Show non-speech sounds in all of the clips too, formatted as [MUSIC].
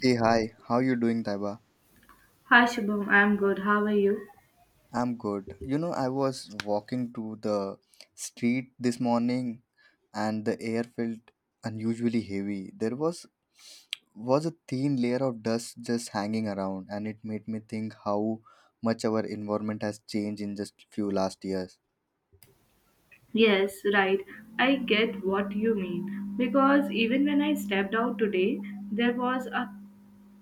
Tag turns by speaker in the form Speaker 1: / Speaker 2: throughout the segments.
Speaker 1: Hey, hi. How you doing, Taiba?
Speaker 2: Hi Shubham, I'm good. How are you?
Speaker 1: I'm good. You know, I was walking to the street this morning and the air felt unusually heavy. There was a thin layer of dust just hanging around and it made me think how much our environment has changed in just few last years.
Speaker 2: Yes, right. I get what you mean. Because even when I stepped out today, there was a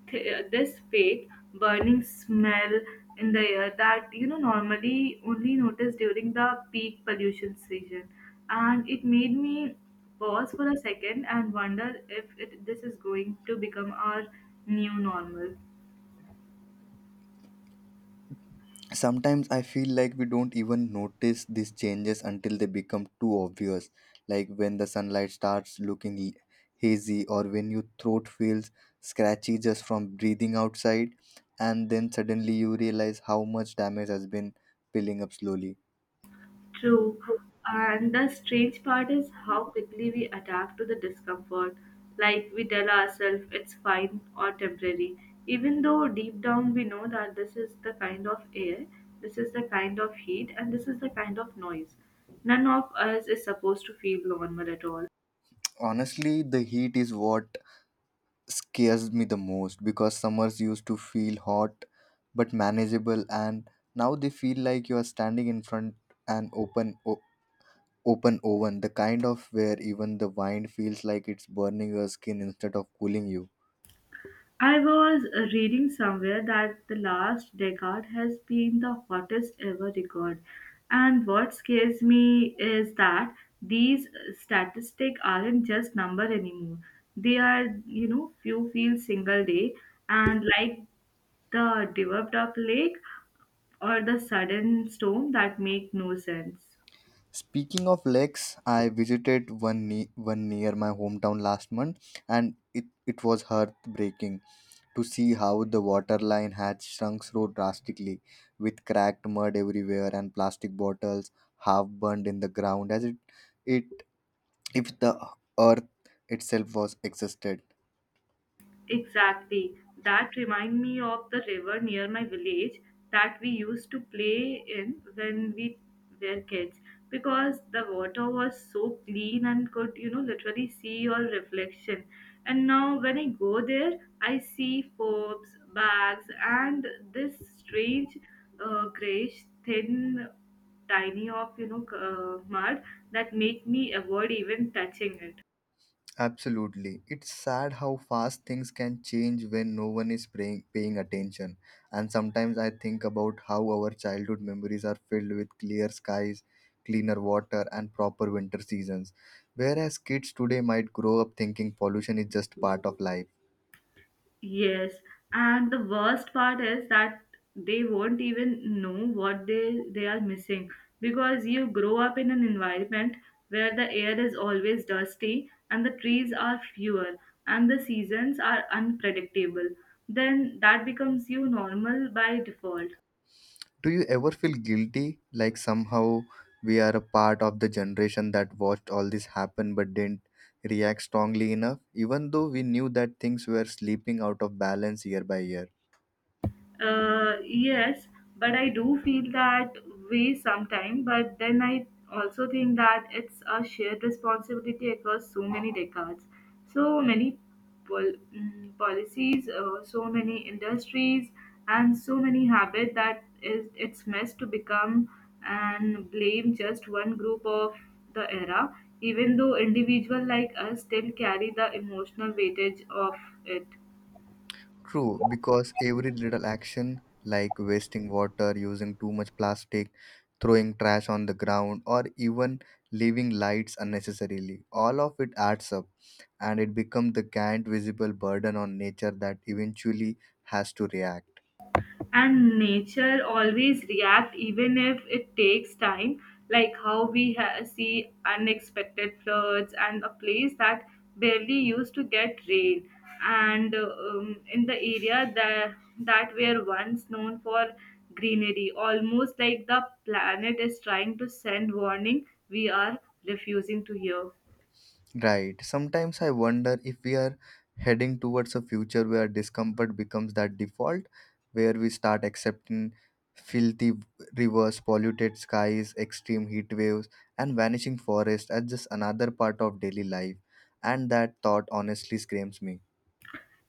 Speaker 2: this fake burning smell in the air that you know normally only notice during the peak pollution season, and it made me pause for a second and wonder if it, this is going to become our new normal.
Speaker 1: Sometimes I feel like we don't even notice these changes until they become too obvious, like when the sunlight starts hazy or when your throat feels scratchy just from breathing outside, and then suddenly you realize how much damage has been piling up slowly.
Speaker 2: True. And the strange part is how quickly we adapt to the discomfort. Like we tell ourselves it's fine or temporary, even though deep down we know that this is the kind of air, this is the kind of heat, and this is the kind of noise. None of us is supposed to feel normal at all.
Speaker 1: Honestly, the heat is what scares me the most because summers used to feel hot but manageable, and now they feel like you are standing in front an open oven, the kind of where even the wine feels like it's burning your skin instead of cooling you.
Speaker 2: I was reading somewhere that the last decade has been the hottest ever record. And what scares me is that these statistics aren't just number anymore. They are, you know, few fields single day and like the developed up lake or the sudden storm that make no sense.
Speaker 1: Speaking of lakes, I visited one near my hometown last month, and it was heartbreaking to see how the water line had shrunk so drastically, with cracked mud everywhere and plastic bottles half burned in the ground as it if the earth itself was existed.
Speaker 2: Exactly. That remind me of the river near my village that we used to play in when we were kids because the water was so clean and could, you know, literally see your reflection. And now when I go there, I see forbs, bags, and this strange grayish thin tiny of, you know, mud that make me avoid even touching it.
Speaker 1: Absolutely. It's sad how fast things can change when no one is paying attention. And sometimes I think about how our childhood memories are filled with clear skies, cleaner water, and proper winter seasons. Whereas kids today might grow up thinking pollution is just part of life.
Speaker 2: Yes, and the worst part is that they won't even know what they are missing because you grow up in an environment where the air is always dusty and the trees are fewer and the seasons are unpredictable. Then that becomes you normal by default.
Speaker 1: Do you ever feel guilty? Like somehow we are a part of the generation that watched all this happen but didn't react strongly enough, even though we knew that things were slipping out of balance year by year?
Speaker 2: Yes, but I do feel that way sometimes. But then I also think that it's a shared responsibility across so many decades, so many policies, so many industries, and so many habits that is it's messed to become and blame just one group of the era, even though individual like us still carry the emotional weightage of it.
Speaker 1: True, because every little action, like wasting water, using too much plastic, throwing trash on the ground, or even leaving lights unnecessarily, all of it adds up and it becomes the giant visible burden on nature that eventually has to react.
Speaker 2: And nature always react even if it takes time like how we see unexpected floods and a place that barely used to get rain and in the area that were once known for greenery, almost like the planet is trying to send warning we are refusing to hear.
Speaker 1: Right. Sometimes I wonder if we are heading towards a future where discomfort becomes that default, where we start accepting filthy rivers, polluted skies, extreme heat waves, and vanishing forests as just another part of daily life. And that thought honestly screams me.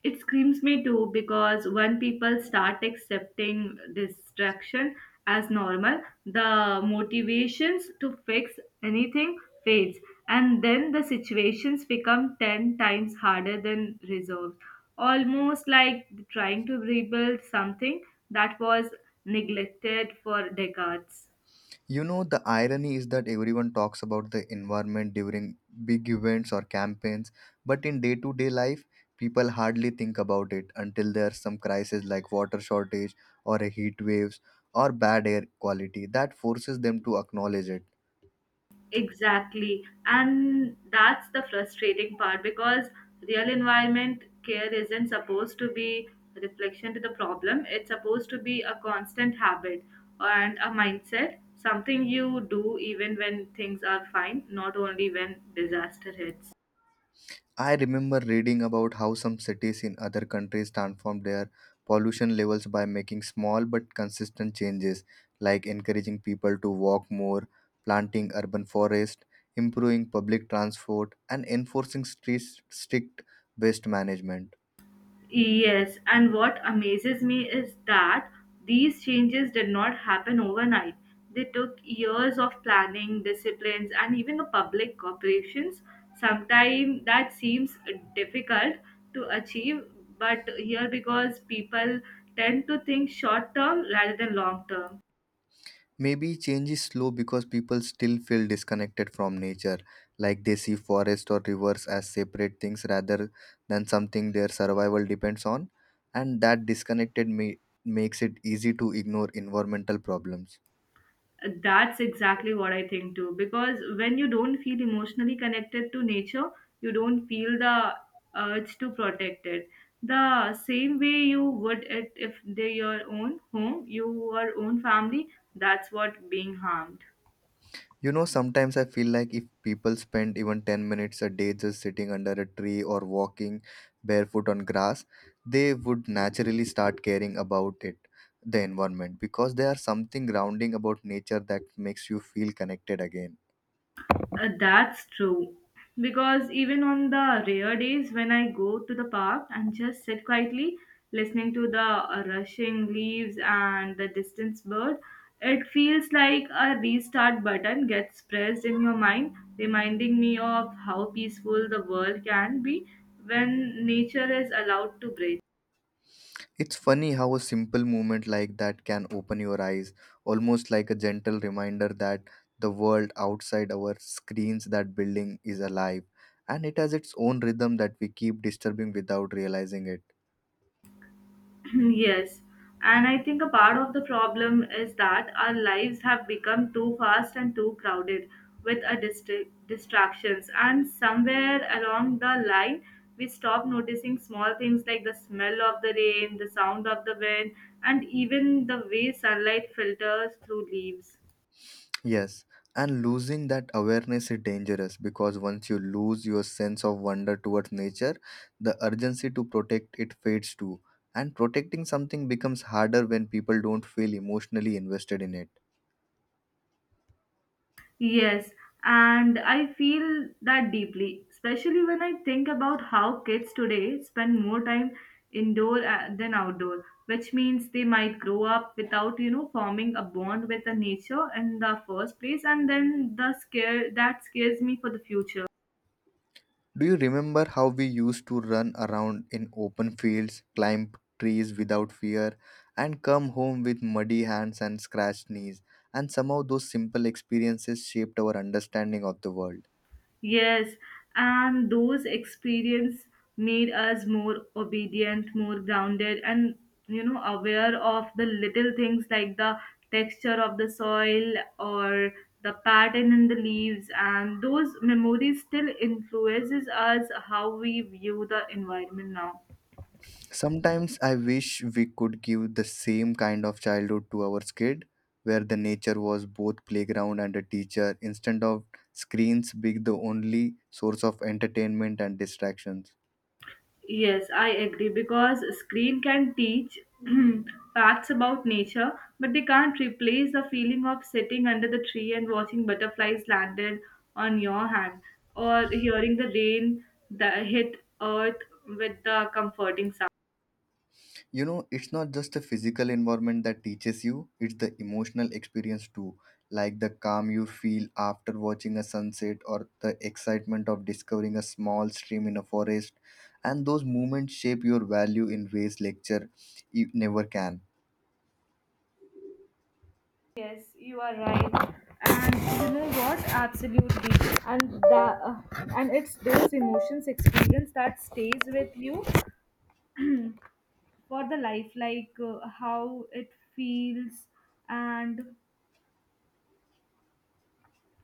Speaker 2: It screams me too because when people start accepting distraction as normal, the motivations to fix anything fades, and then the situations become 10 times harder than resolved. Almost like trying to rebuild something that was neglected for decades.
Speaker 1: You know, the irony is that everyone talks about the environment during big events or campaigns, but in day to day life, people hardly think about it until there's some crisis like water shortage or a heat waves or bad air quality that forces them to acknowledge it.
Speaker 2: Exactly. And that's the frustrating part because real environment care isn't supposed to be a reflection to the problem. It's supposed to be a constant habit and a mindset, something you do even when things are fine, not only when disaster hits.
Speaker 1: I remember reading about how some cities in other countries transformed their pollution levels by making small but consistent changes, like encouraging people to walk more, planting urban forests, improving public transport, and enforcing strict waste management.
Speaker 2: Yes, and what amazes me is that these changes did not happen overnight. They took years of planning, disciplines, and even the public corporations. Sometimes that seems difficult to achieve, but here because people tend to think short term rather than long term.
Speaker 1: Maybe change is slow because people still feel disconnected from nature, like they see forests or rivers as separate things rather than something their survival depends on, and that makes it easy to ignore environmental problems.
Speaker 2: That's exactly what I think too. Because when you don't feel emotionally connected to nature, you don't feel the urge to protect it. The same way you would it if they're your own home, your own family, that's what being harmed.
Speaker 1: You know, sometimes I feel like if people spend even 10 minutes a day just sitting under a tree or walking barefoot on grass, they would naturally start caring about it, the environment, because there are something grounding about nature that makes you feel connected again.
Speaker 2: That's true. Because even on the rare days when I go to the park and just sit quietly listening to the rushing leaves and the distant bird, it feels like a restart button gets pressed in your mind, reminding me of how peaceful the world can be when nature is allowed to breathe.
Speaker 1: It's funny how a simple movement like that can open your eyes, almost like a gentle reminder that the world outside our screens that building is alive and it has its own rhythm that we keep disturbing without realizing it.
Speaker 2: [LAUGHS] [CLEARS THROAT] Yes, and I think a part of the problem is that our lives have become too fast and too crowded with a distractions, and somewhere along the line, we stop noticing small things like the smell of the rain, the sound of the wind, and even the way sunlight filters through leaves.
Speaker 1: Yes, and losing that awareness is dangerous because once you lose your sense of wonder towards nature, the urgency to protect it fades too. And protecting something becomes harder when people don't feel emotionally invested in it.
Speaker 2: Yes, and I feel that deeply, especially when I think about how kids today spend more time indoor than outdoor, which means they might grow up without, you know, forming a bond with the nature in the first place, and then the scare that scares me for the future.
Speaker 1: Do you remember how we used to run around in open fields, climb trees without fear, and come home with muddy hands and scratched knees? And somehow those simple experiences shaped our understanding of the world.
Speaker 2: Yes, and those experience made us more obedient, more grounded, and you know aware of the little things like the texture of the soil or the pattern in the leaves. And those memories still influences us how we view the environment now.
Speaker 1: Sometimes I wish we could give the same kind of childhood to our kid, where the nature was both playground and a teacher, instead of screens being the only source of entertainment and distractions.
Speaker 2: Yes, I agree because screen can teach [CLEARS THROAT] facts about nature, but they can't replace the feeling of sitting under the tree and watching butterflies landed on your hand or hearing the rain that hit earth with the comforting sound.
Speaker 1: You know, it's not just the physical environment that teaches you, it's the emotional experience too, like the calm you feel after watching a sunset or the excitement of discovering a small stream in a forest. And those moments shape your value in ways never can.
Speaker 2: Yes, you are right. And you know what? Absolutely. And the and it's those emotions experience that stays with you for the life, like how it feels. And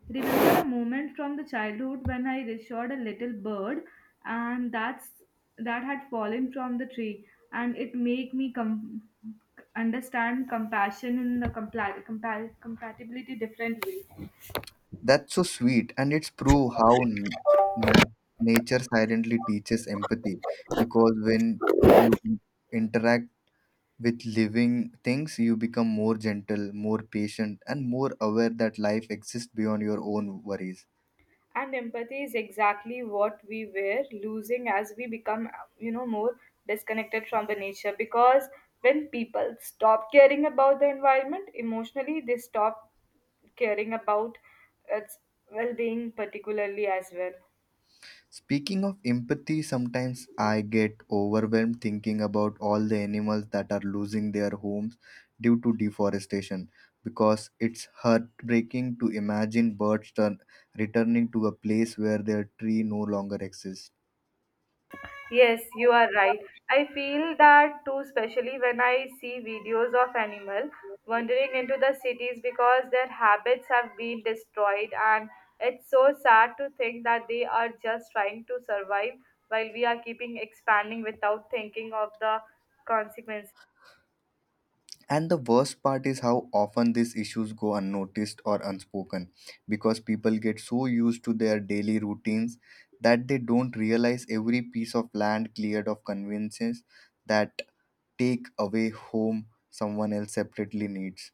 Speaker 2: remember a moment from the childhood when I reassured a little bird, and that had fallen from the tree, and it made me understand compassion in the compatibility different way.
Speaker 1: That's so sweet, and it's prove how nat- nature silently teaches empathy. Because when you interact with living things, you become more gentle, more patient, and more aware that life exists beyond your own worries.
Speaker 2: And empathy is exactly what we were losing as we become you know more disconnected from the nature because when people stop caring about the environment emotionally they stop caring about its well-being particularly as well.
Speaker 1: Speaking of empathy, sometimes I get overwhelmed thinking about all the animals that are losing their homes due to deforestation because it's heartbreaking to imagine birds returning to a place where their tree no longer exists.
Speaker 2: Yes, you are right. I feel that too, especially when I see videos of animal wandering into the cities because their habits have been destroyed, and it's so sad to think that they are just trying to survive while we are keeping expanding without thinking of the consequences.
Speaker 1: And the worst part is how often these issues go unnoticed or unspoken because people get so used to their daily routines that they don't realize every piece of land cleared of conveniences that take away home someone else separately needs.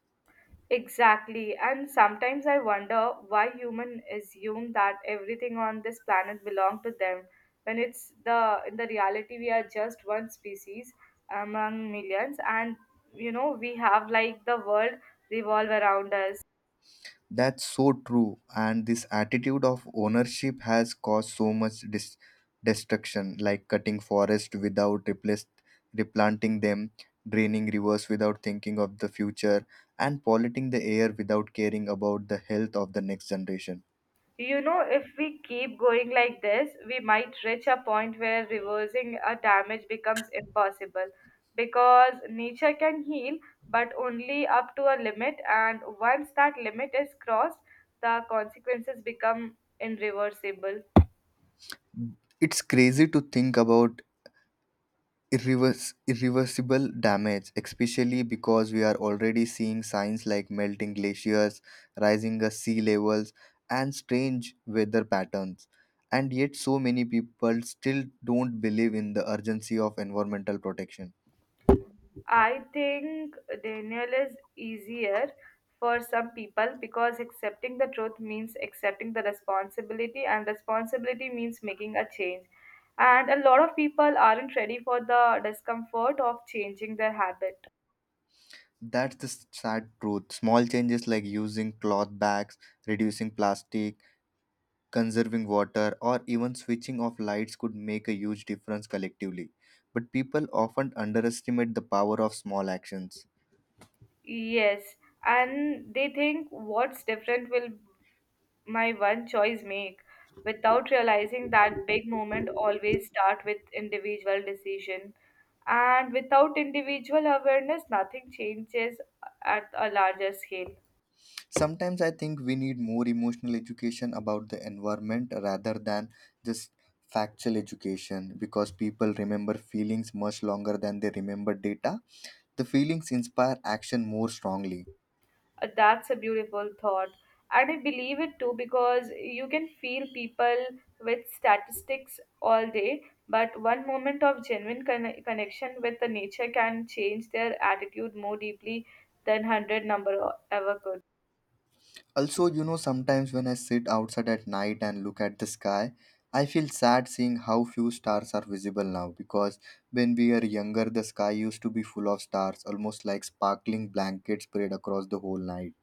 Speaker 2: Exactly, and sometimes I wonder why humans assume that everything on this planet belongs to them, when it's the in the reality we are just one species among millions, and you know we have like the world revolve around us.
Speaker 1: That's so true. And this attitude of ownership has caused so much destruction, like cutting forest without replanting them, draining rivers without thinking of the future, and polluting the air without caring about the health of the next generation.
Speaker 2: You know, if we keep going like this, we might reach a point where reversing a damage becomes impossible because nature can heal, but only up to a limit. And once that limit is crossed, the consequences become irreversible.
Speaker 1: It's crazy to think about irreversible damage, especially because we are already seeing signs like melting glaciers, rising sea levels, and strange weather patterns. And yet, so many people still don't believe in the urgency of environmental protection.
Speaker 2: I think denial is easier for some people because accepting the truth means accepting the responsibility, and responsibility means making a change. And a lot of people aren't ready for the discomfort of changing their habit.
Speaker 1: That's the sad truth. Small changes like using cloth bags, reducing plastic, conserving water, or even switching off lights could make a huge difference collectively. But people often underestimate the power of small actions.
Speaker 2: Yes, and they think what's different will my one choice make without realizing that big moment always start with individual decision and without individual awareness nothing changes at a larger scale.
Speaker 1: Sometimes I think we need more emotional education about the environment rather than just factual education because people remember feelings much longer than they remember data. The feelings inspire action more strongly.
Speaker 2: That's a beautiful thought and I believe it too because you can feel people with statistics all day but one moment of genuine connection with the nature can change their attitude more deeply than 100 number ever could.
Speaker 1: Also, you know, sometimes when I sit outside at night and look at the sky, I feel sad seeing how few stars are visible now because when we were younger, the sky used to be full of stars, almost like sparkling blankets spread across the whole night.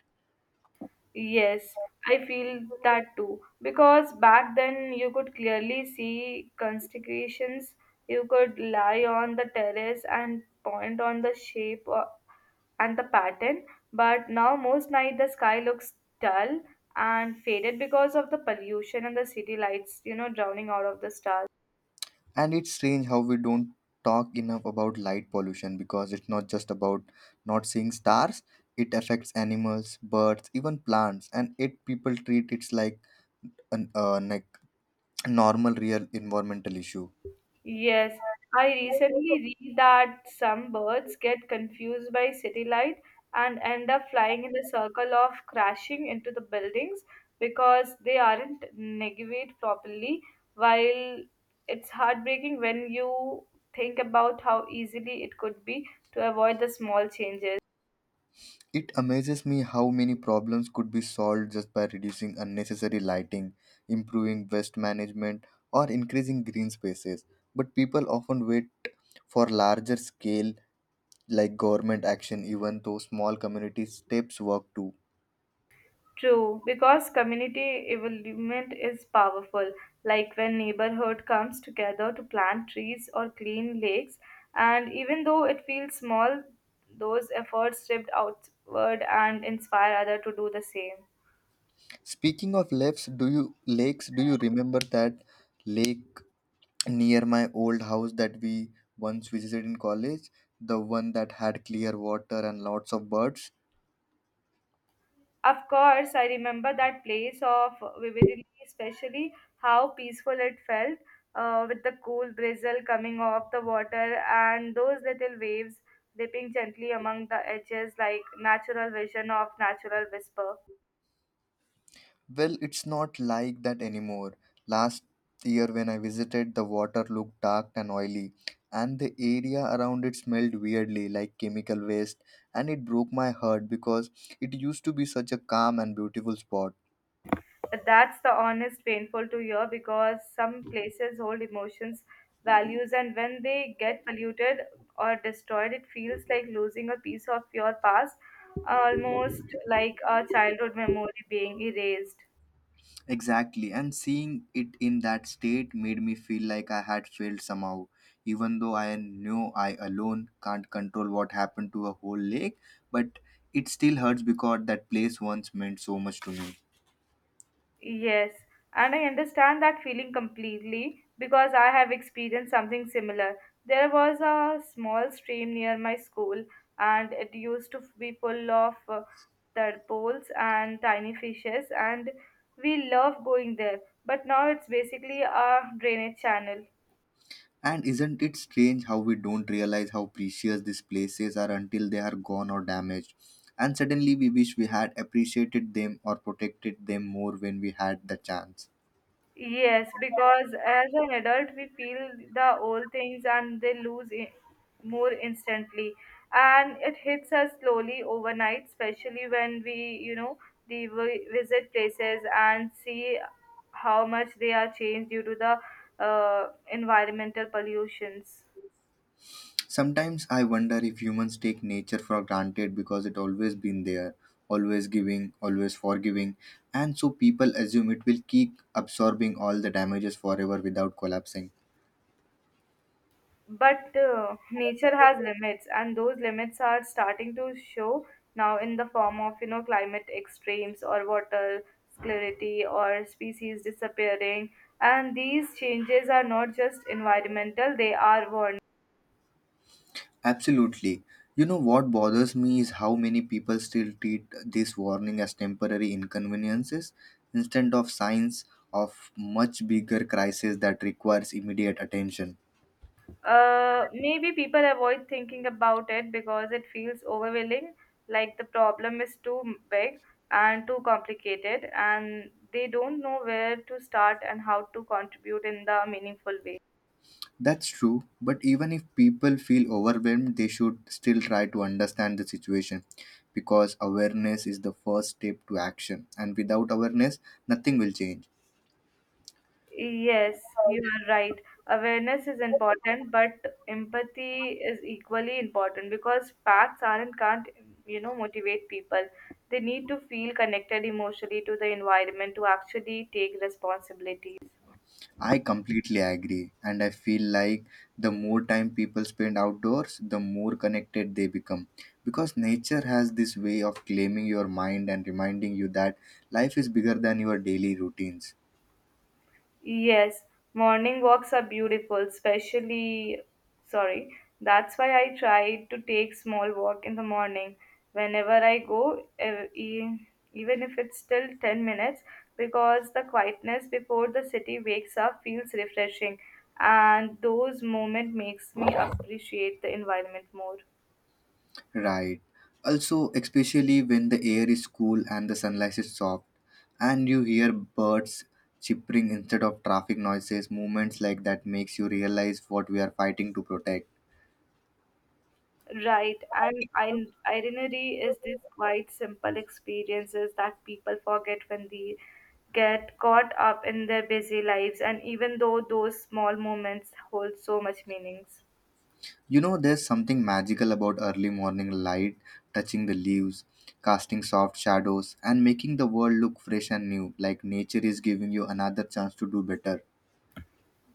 Speaker 2: Yes, I feel that too. Because back then you could clearly see constellations. You could lie on the terrace and point on the shape and the pattern. But now most night the sky looks dull and faded because of the pollution and the city lights, you know, drowning out of the stars.
Speaker 1: And it's strange how we don't talk enough about light pollution because it's not just about not seeing stars, it affects animals, birds, even plants, and it people treat it like an like normal real environmental issue.
Speaker 2: Yes, I recently read that some birds get confused by city light and end up flying in the circle of crashing into the buildings because they aren't navigate properly. While it's heartbreaking when you think about how easily it could be to avoid the small changes.
Speaker 1: It amazes me how many problems could be solved just by reducing unnecessary lighting, improving waste management, or increasing green spaces. But people often wait for larger scale like government action even though small community steps work too.
Speaker 2: True, because community involvement is powerful. Like when neighborhood comes together to plant trees or clean lakes, and even though it feels small, those efforts shift outward and inspire others to do the same.
Speaker 1: Speaking of lakes, do you remember that lake near my old house that we once visited in college, the one that had clear water and lots of birds?
Speaker 2: Of course, I remember that place of vividly, especially how peaceful it felt with the cool drizzle coming off the water and those little waves dipping gently among the edges like natural vision of natural whisper.
Speaker 1: Well, it's not like that anymore. Last year when I visited, the water looked dark and oily, and the area around it smelled weirdly like chemical waste, and it broke my heart because it used to be such a calm and beautiful spot.
Speaker 2: That's the honest painful to hear because some places hold emotions, values, and when they get polluted or destroyed, it feels like losing a piece of your past, almost like a childhood memory being erased.
Speaker 1: Exactly, and seeing it in that state made me feel like I had failed somehow. Even though I know I alone can't control what happened to a whole lake, but it still hurts because that place once meant so much to me.
Speaker 2: Yes, and I understand that feeling completely because I have experienced something similar. There was a small stream near my school, and it used to be full of tadpoles and tiny fishes, and we loved going there. But now it's basically a drainage channel.
Speaker 1: And isn't it strange how we don't realize how precious these places are until they are gone or damaged? And suddenly we wish we had appreciated them or protected them more when we had the chance.
Speaker 2: Yes, because as an adult, we feel the old things and they lose I more instantly. And it hits us slowly overnight, especially when we, you know, the visit places and see how much they are changed due to the environmental pollutions.
Speaker 1: Sometimes I wonder if humans take nature for granted because it always been there, always giving, always forgiving, and so people assume it will keep absorbing all the damages forever without collapsing.
Speaker 2: But nature has limits, and those limits are starting to show now in the form of you know climate extremes or water scarcity or species disappearing. And these changes are not just environmental; they are warning.
Speaker 1: Absolutely. You know what bothers me is how many people still treat this warning as temporary inconveniences instead of signs of much bigger crisis that requires immediate attention.
Speaker 2: Maybe people avoid thinking about it because it feels overwhelming, like the problem is too big and too complicated, and they don't know where to start and how to contribute in the meaningful way.
Speaker 1: That's true, but even if people feel overwhelmed, they should still try to understand the situation because awareness is the first step to action, and without awareness, nothing will change.
Speaker 2: Yes, you are right. Awareness is important, but empathy is equally important because facts aren't can't motivate people. They need to feel connected emotionally to the environment to actually take responsibility.
Speaker 1: I completely agree, and I feel like the more time people spend outdoors, the more connected they become because nature has this way of claiming your mind and reminding you that life is bigger than your daily routines.
Speaker 2: Yes, morning walks are beautiful, especially, sorry, that's why I try to take small walk in the morning whenever I go, even if it's still 10 minutes, because the quietness before the city wakes up feels refreshing, and those moment makes me appreciate the environment more.
Speaker 1: Right. Also, especially when the air is cool and the sunlight is soft, and you hear birds chirping instead of traffic noises, moments like that makes you realize what we are fighting to protect.
Speaker 2: Right, and I, itinerary is these quite simple experiences that people forget when they get caught up in their busy lives, and even though those small moments hold so much meanings.
Speaker 1: You know, there's something magical about early morning light touching the leaves, casting soft shadows, and making the world look fresh and new, like nature is giving you another chance to do better.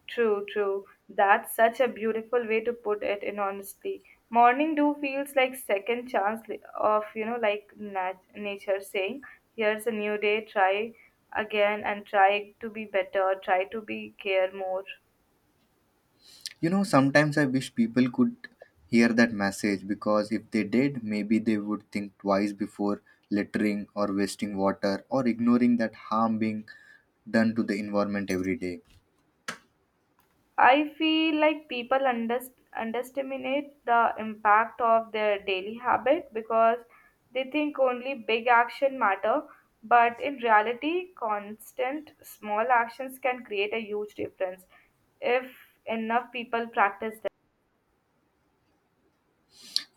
Speaker 2: True, true. That's such a beautiful way to put it in honestly. Morning dew feels like second chance of, like nature saying, here's a new day, try again and try to be better, try to be care more.
Speaker 1: You know, sometimes I wish people could hear that message because if they did, maybe they would think twice before littering or wasting water or ignoring that harm being done to the environment every day.
Speaker 2: I feel like people underestimate the impact of their daily habit because they think only big action matter, but in reality, constant small actions can create a huge difference if enough people practice.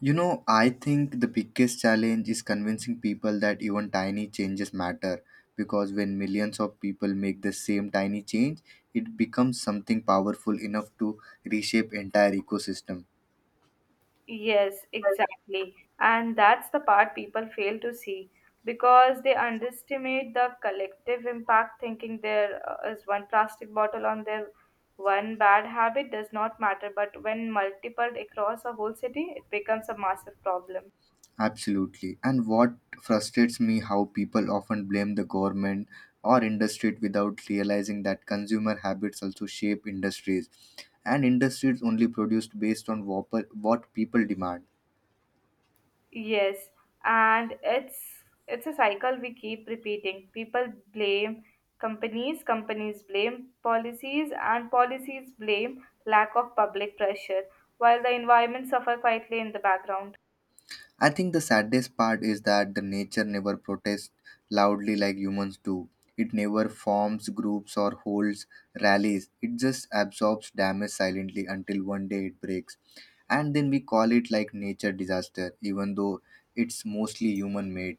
Speaker 1: You know, I think the biggest challenge is convincing people that even tiny changes matter because when millions of people make the same tiny change, it becomes something powerful enough to reshape entire ecosystem.
Speaker 2: Yes, exactly. And that's the part people fail to see because they underestimate the collective impact, thinking there is one plastic bottle on their one bad habit does not matter. But when multiplied across a whole city, it becomes a massive problem.
Speaker 1: Absolutely. And what frustrates me how people often blame the government or industry without realizing that consumer habits also shape industries, and industries only produced based on what people demand.
Speaker 2: Yes, and it's a cycle we keep repeating. People blame companies, companies blame policies, and policies blame lack of public pressure, while the environment suffer quietly in the background.
Speaker 1: I think the saddest part is that the nature never protests loudly like humans do. It never forms groups or holds rallies. It just absorbs damage silently until one day it breaks. And then we call it like nature disaster, even though it's mostly human made.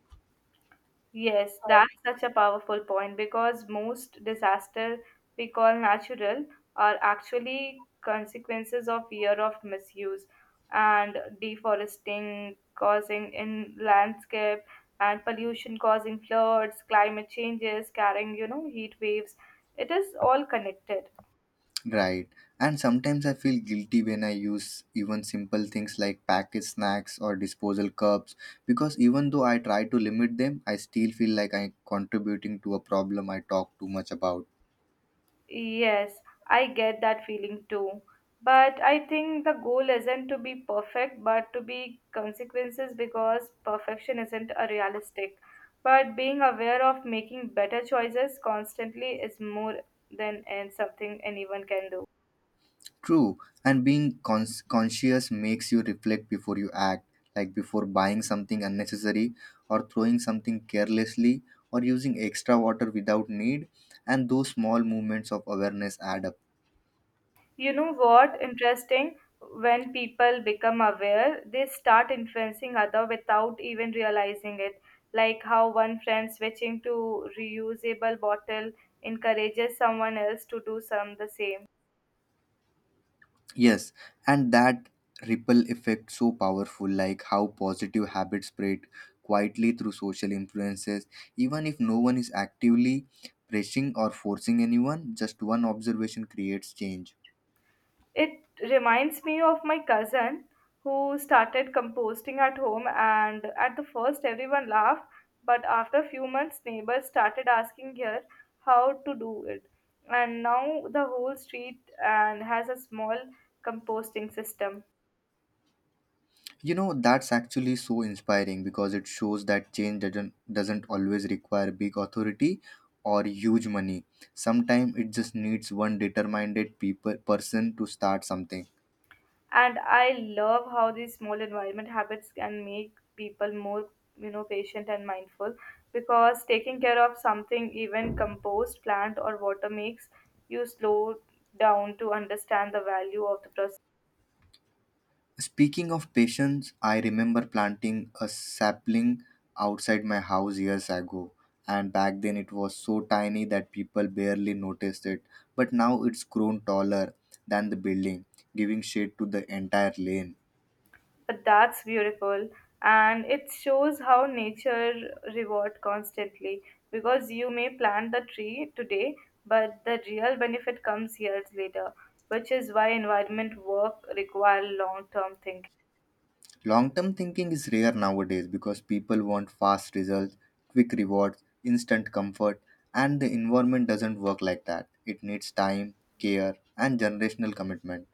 Speaker 2: Yes, that's such a powerful point because most disaster we call natural are actually consequences of year of misuse and deforesting causing in landscape and pollution causing floods, climate changes, carrying, heat waves. It is all connected.
Speaker 1: Right. And sometimes I feel guilty when I use even simple things like packaged snacks or disposal cups, because even though I try to limit them, I still feel like I'm contributing to a problem I talk too much about.
Speaker 2: Yes, I get that feeling too. But I think the goal isn't to be perfect, but to be consequences because perfection isn't a realistic. But being aware of making better choices constantly is more than and something anyone can do.
Speaker 1: True, and being conscious makes you reflect before you act, like before buying something unnecessary, or throwing something carelessly, or using extra water without need, and those small movements of awareness add up.
Speaker 2: You know what? Interesting. When people become aware, they start influencing other without even realizing it. Like how one friend switching to reusable bottle encourages someone else to do some the same.
Speaker 1: Yes, and that ripple effect so powerful, like how positive habits spread quietly through social influences, even if no one is actively pressing or forcing anyone, just one observation creates change.
Speaker 2: It reminds me of my cousin who started composting at home, and at the first, everyone laughed, but after a few months, neighbors started asking her how to do it. And now the whole street and has a small composting system.
Speaker 1: You know, that's actually so inspiring because it shows that change doesn't always require big authority or huge money. Sometimes it just needs one determined people person to start something.
Speaker 2: And I love how these small environment habits can make people more patient and mindful because taking care of something even compost plant or water makes you slow down to understand the value of the process.
Speaker 1: Speaking of patience, I remember planting a sapling outside my house years ago. And back then it was so tiny that people barely noticed it. But now it's grown taller than the building, giving shade to the entire lane.
Speaker 2: But that's beautiful, and it shows how nature reward constantly because you may plant the tree today, but the real benefit comes years later, which is why environment work require long term thinking.
Speaker 1: Long term thinking is rare nowadays because people want fast results, quick rewards, instant comfort, and the environment doesn't work like that. It needs time, care, and generational commitment.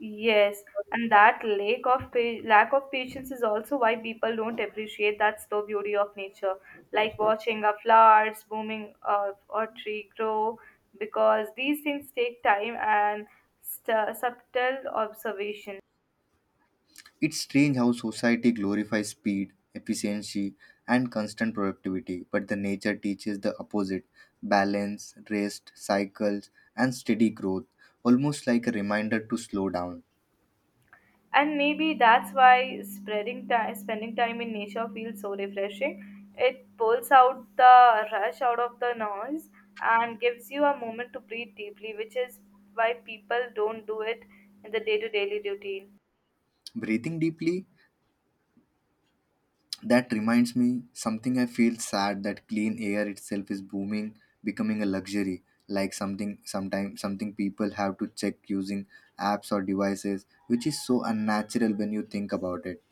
Speaker 2: Yes, and that lack of patience is also why people don't appreciate that slow beauty of nature, like watching a flowers blooming or tree grow, because these things take time and subtle observation.
Speaker 1: It's strange how society glorifies speed, efficiency, and constant productivity, but the nature teaches the opposite: balance, rest, cycles, and steady growth, almost like a reminder to slow down.
Speaker 2: And maybe that's why spending time in nature feels so refreshing. It pulls out the rush out of the noise and gives you a moment to breathe deeply, which is why people don't do it in the day to daily routine.
Speaker 1: Breathing deeply. That reminds me something I feel sad that clean air itself is booming, becoming a luxury, like something, sometimes something people have to check using apps or devices, which is so unnatural when you think about it.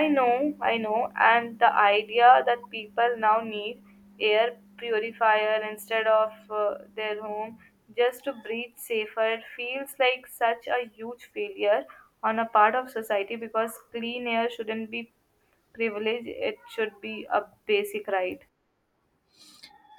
Speaker 2: I know, and the idea that people now need air purifier instead of their home just to breathe safer feels like such a huge failure on a part of society because clean air shouldn't be privilege, it should be a basic right.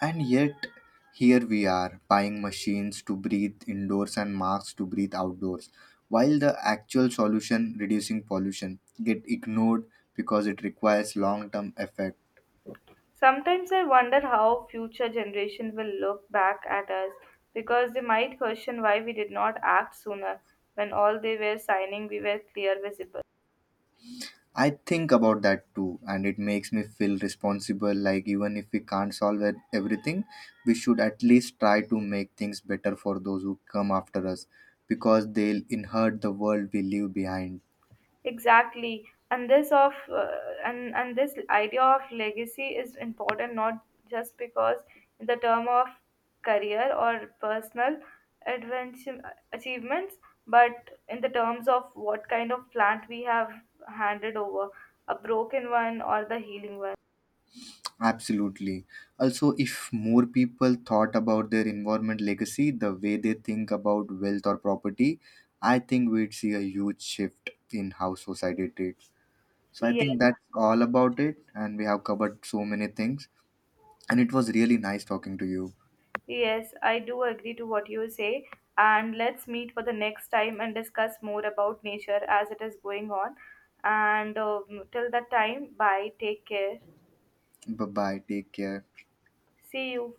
Speaker 1: And yet, here we are, buying machines to breathe indoors and masks to breathe outdoors, while the actual solution, reducing pollution, get ignored because it requires long-term effect.
Speaker 2: Sometimes I wonder how future generation will look back at us because they might question why we did not act sooner when all they were signing we were clear visible.
Speaker 1: I think about that too, and it makes me feel responsible. Like, even if we can't solve everything, we should at least try to make things better for those who come after us because they'll inherit the world we leave behind.
Speaker 2: Exactly, and this idea of legacy is important not just because in the term of career or personal adventure achievements, but in the terms of what kind of plant we have handed over, a broken one or the healing one.
Speaker 1: Absolutely. Also, if more people thought about their environment legacy the way they think about wealth or property, I think we'd see a huge shift in how society treats. So, I
Speaker 2: Yes.
Speaker 1: think that's all about it, and we have covered so many things. And it was really nice talking to you.
Speaker 2: Yes, I do agree to what you say. And let's meet for the next time and discuss more about nature as it is going on. And till that time, bye. Take care.
Speaker 1: Bye bye. Take care.
Speaker 2: See you.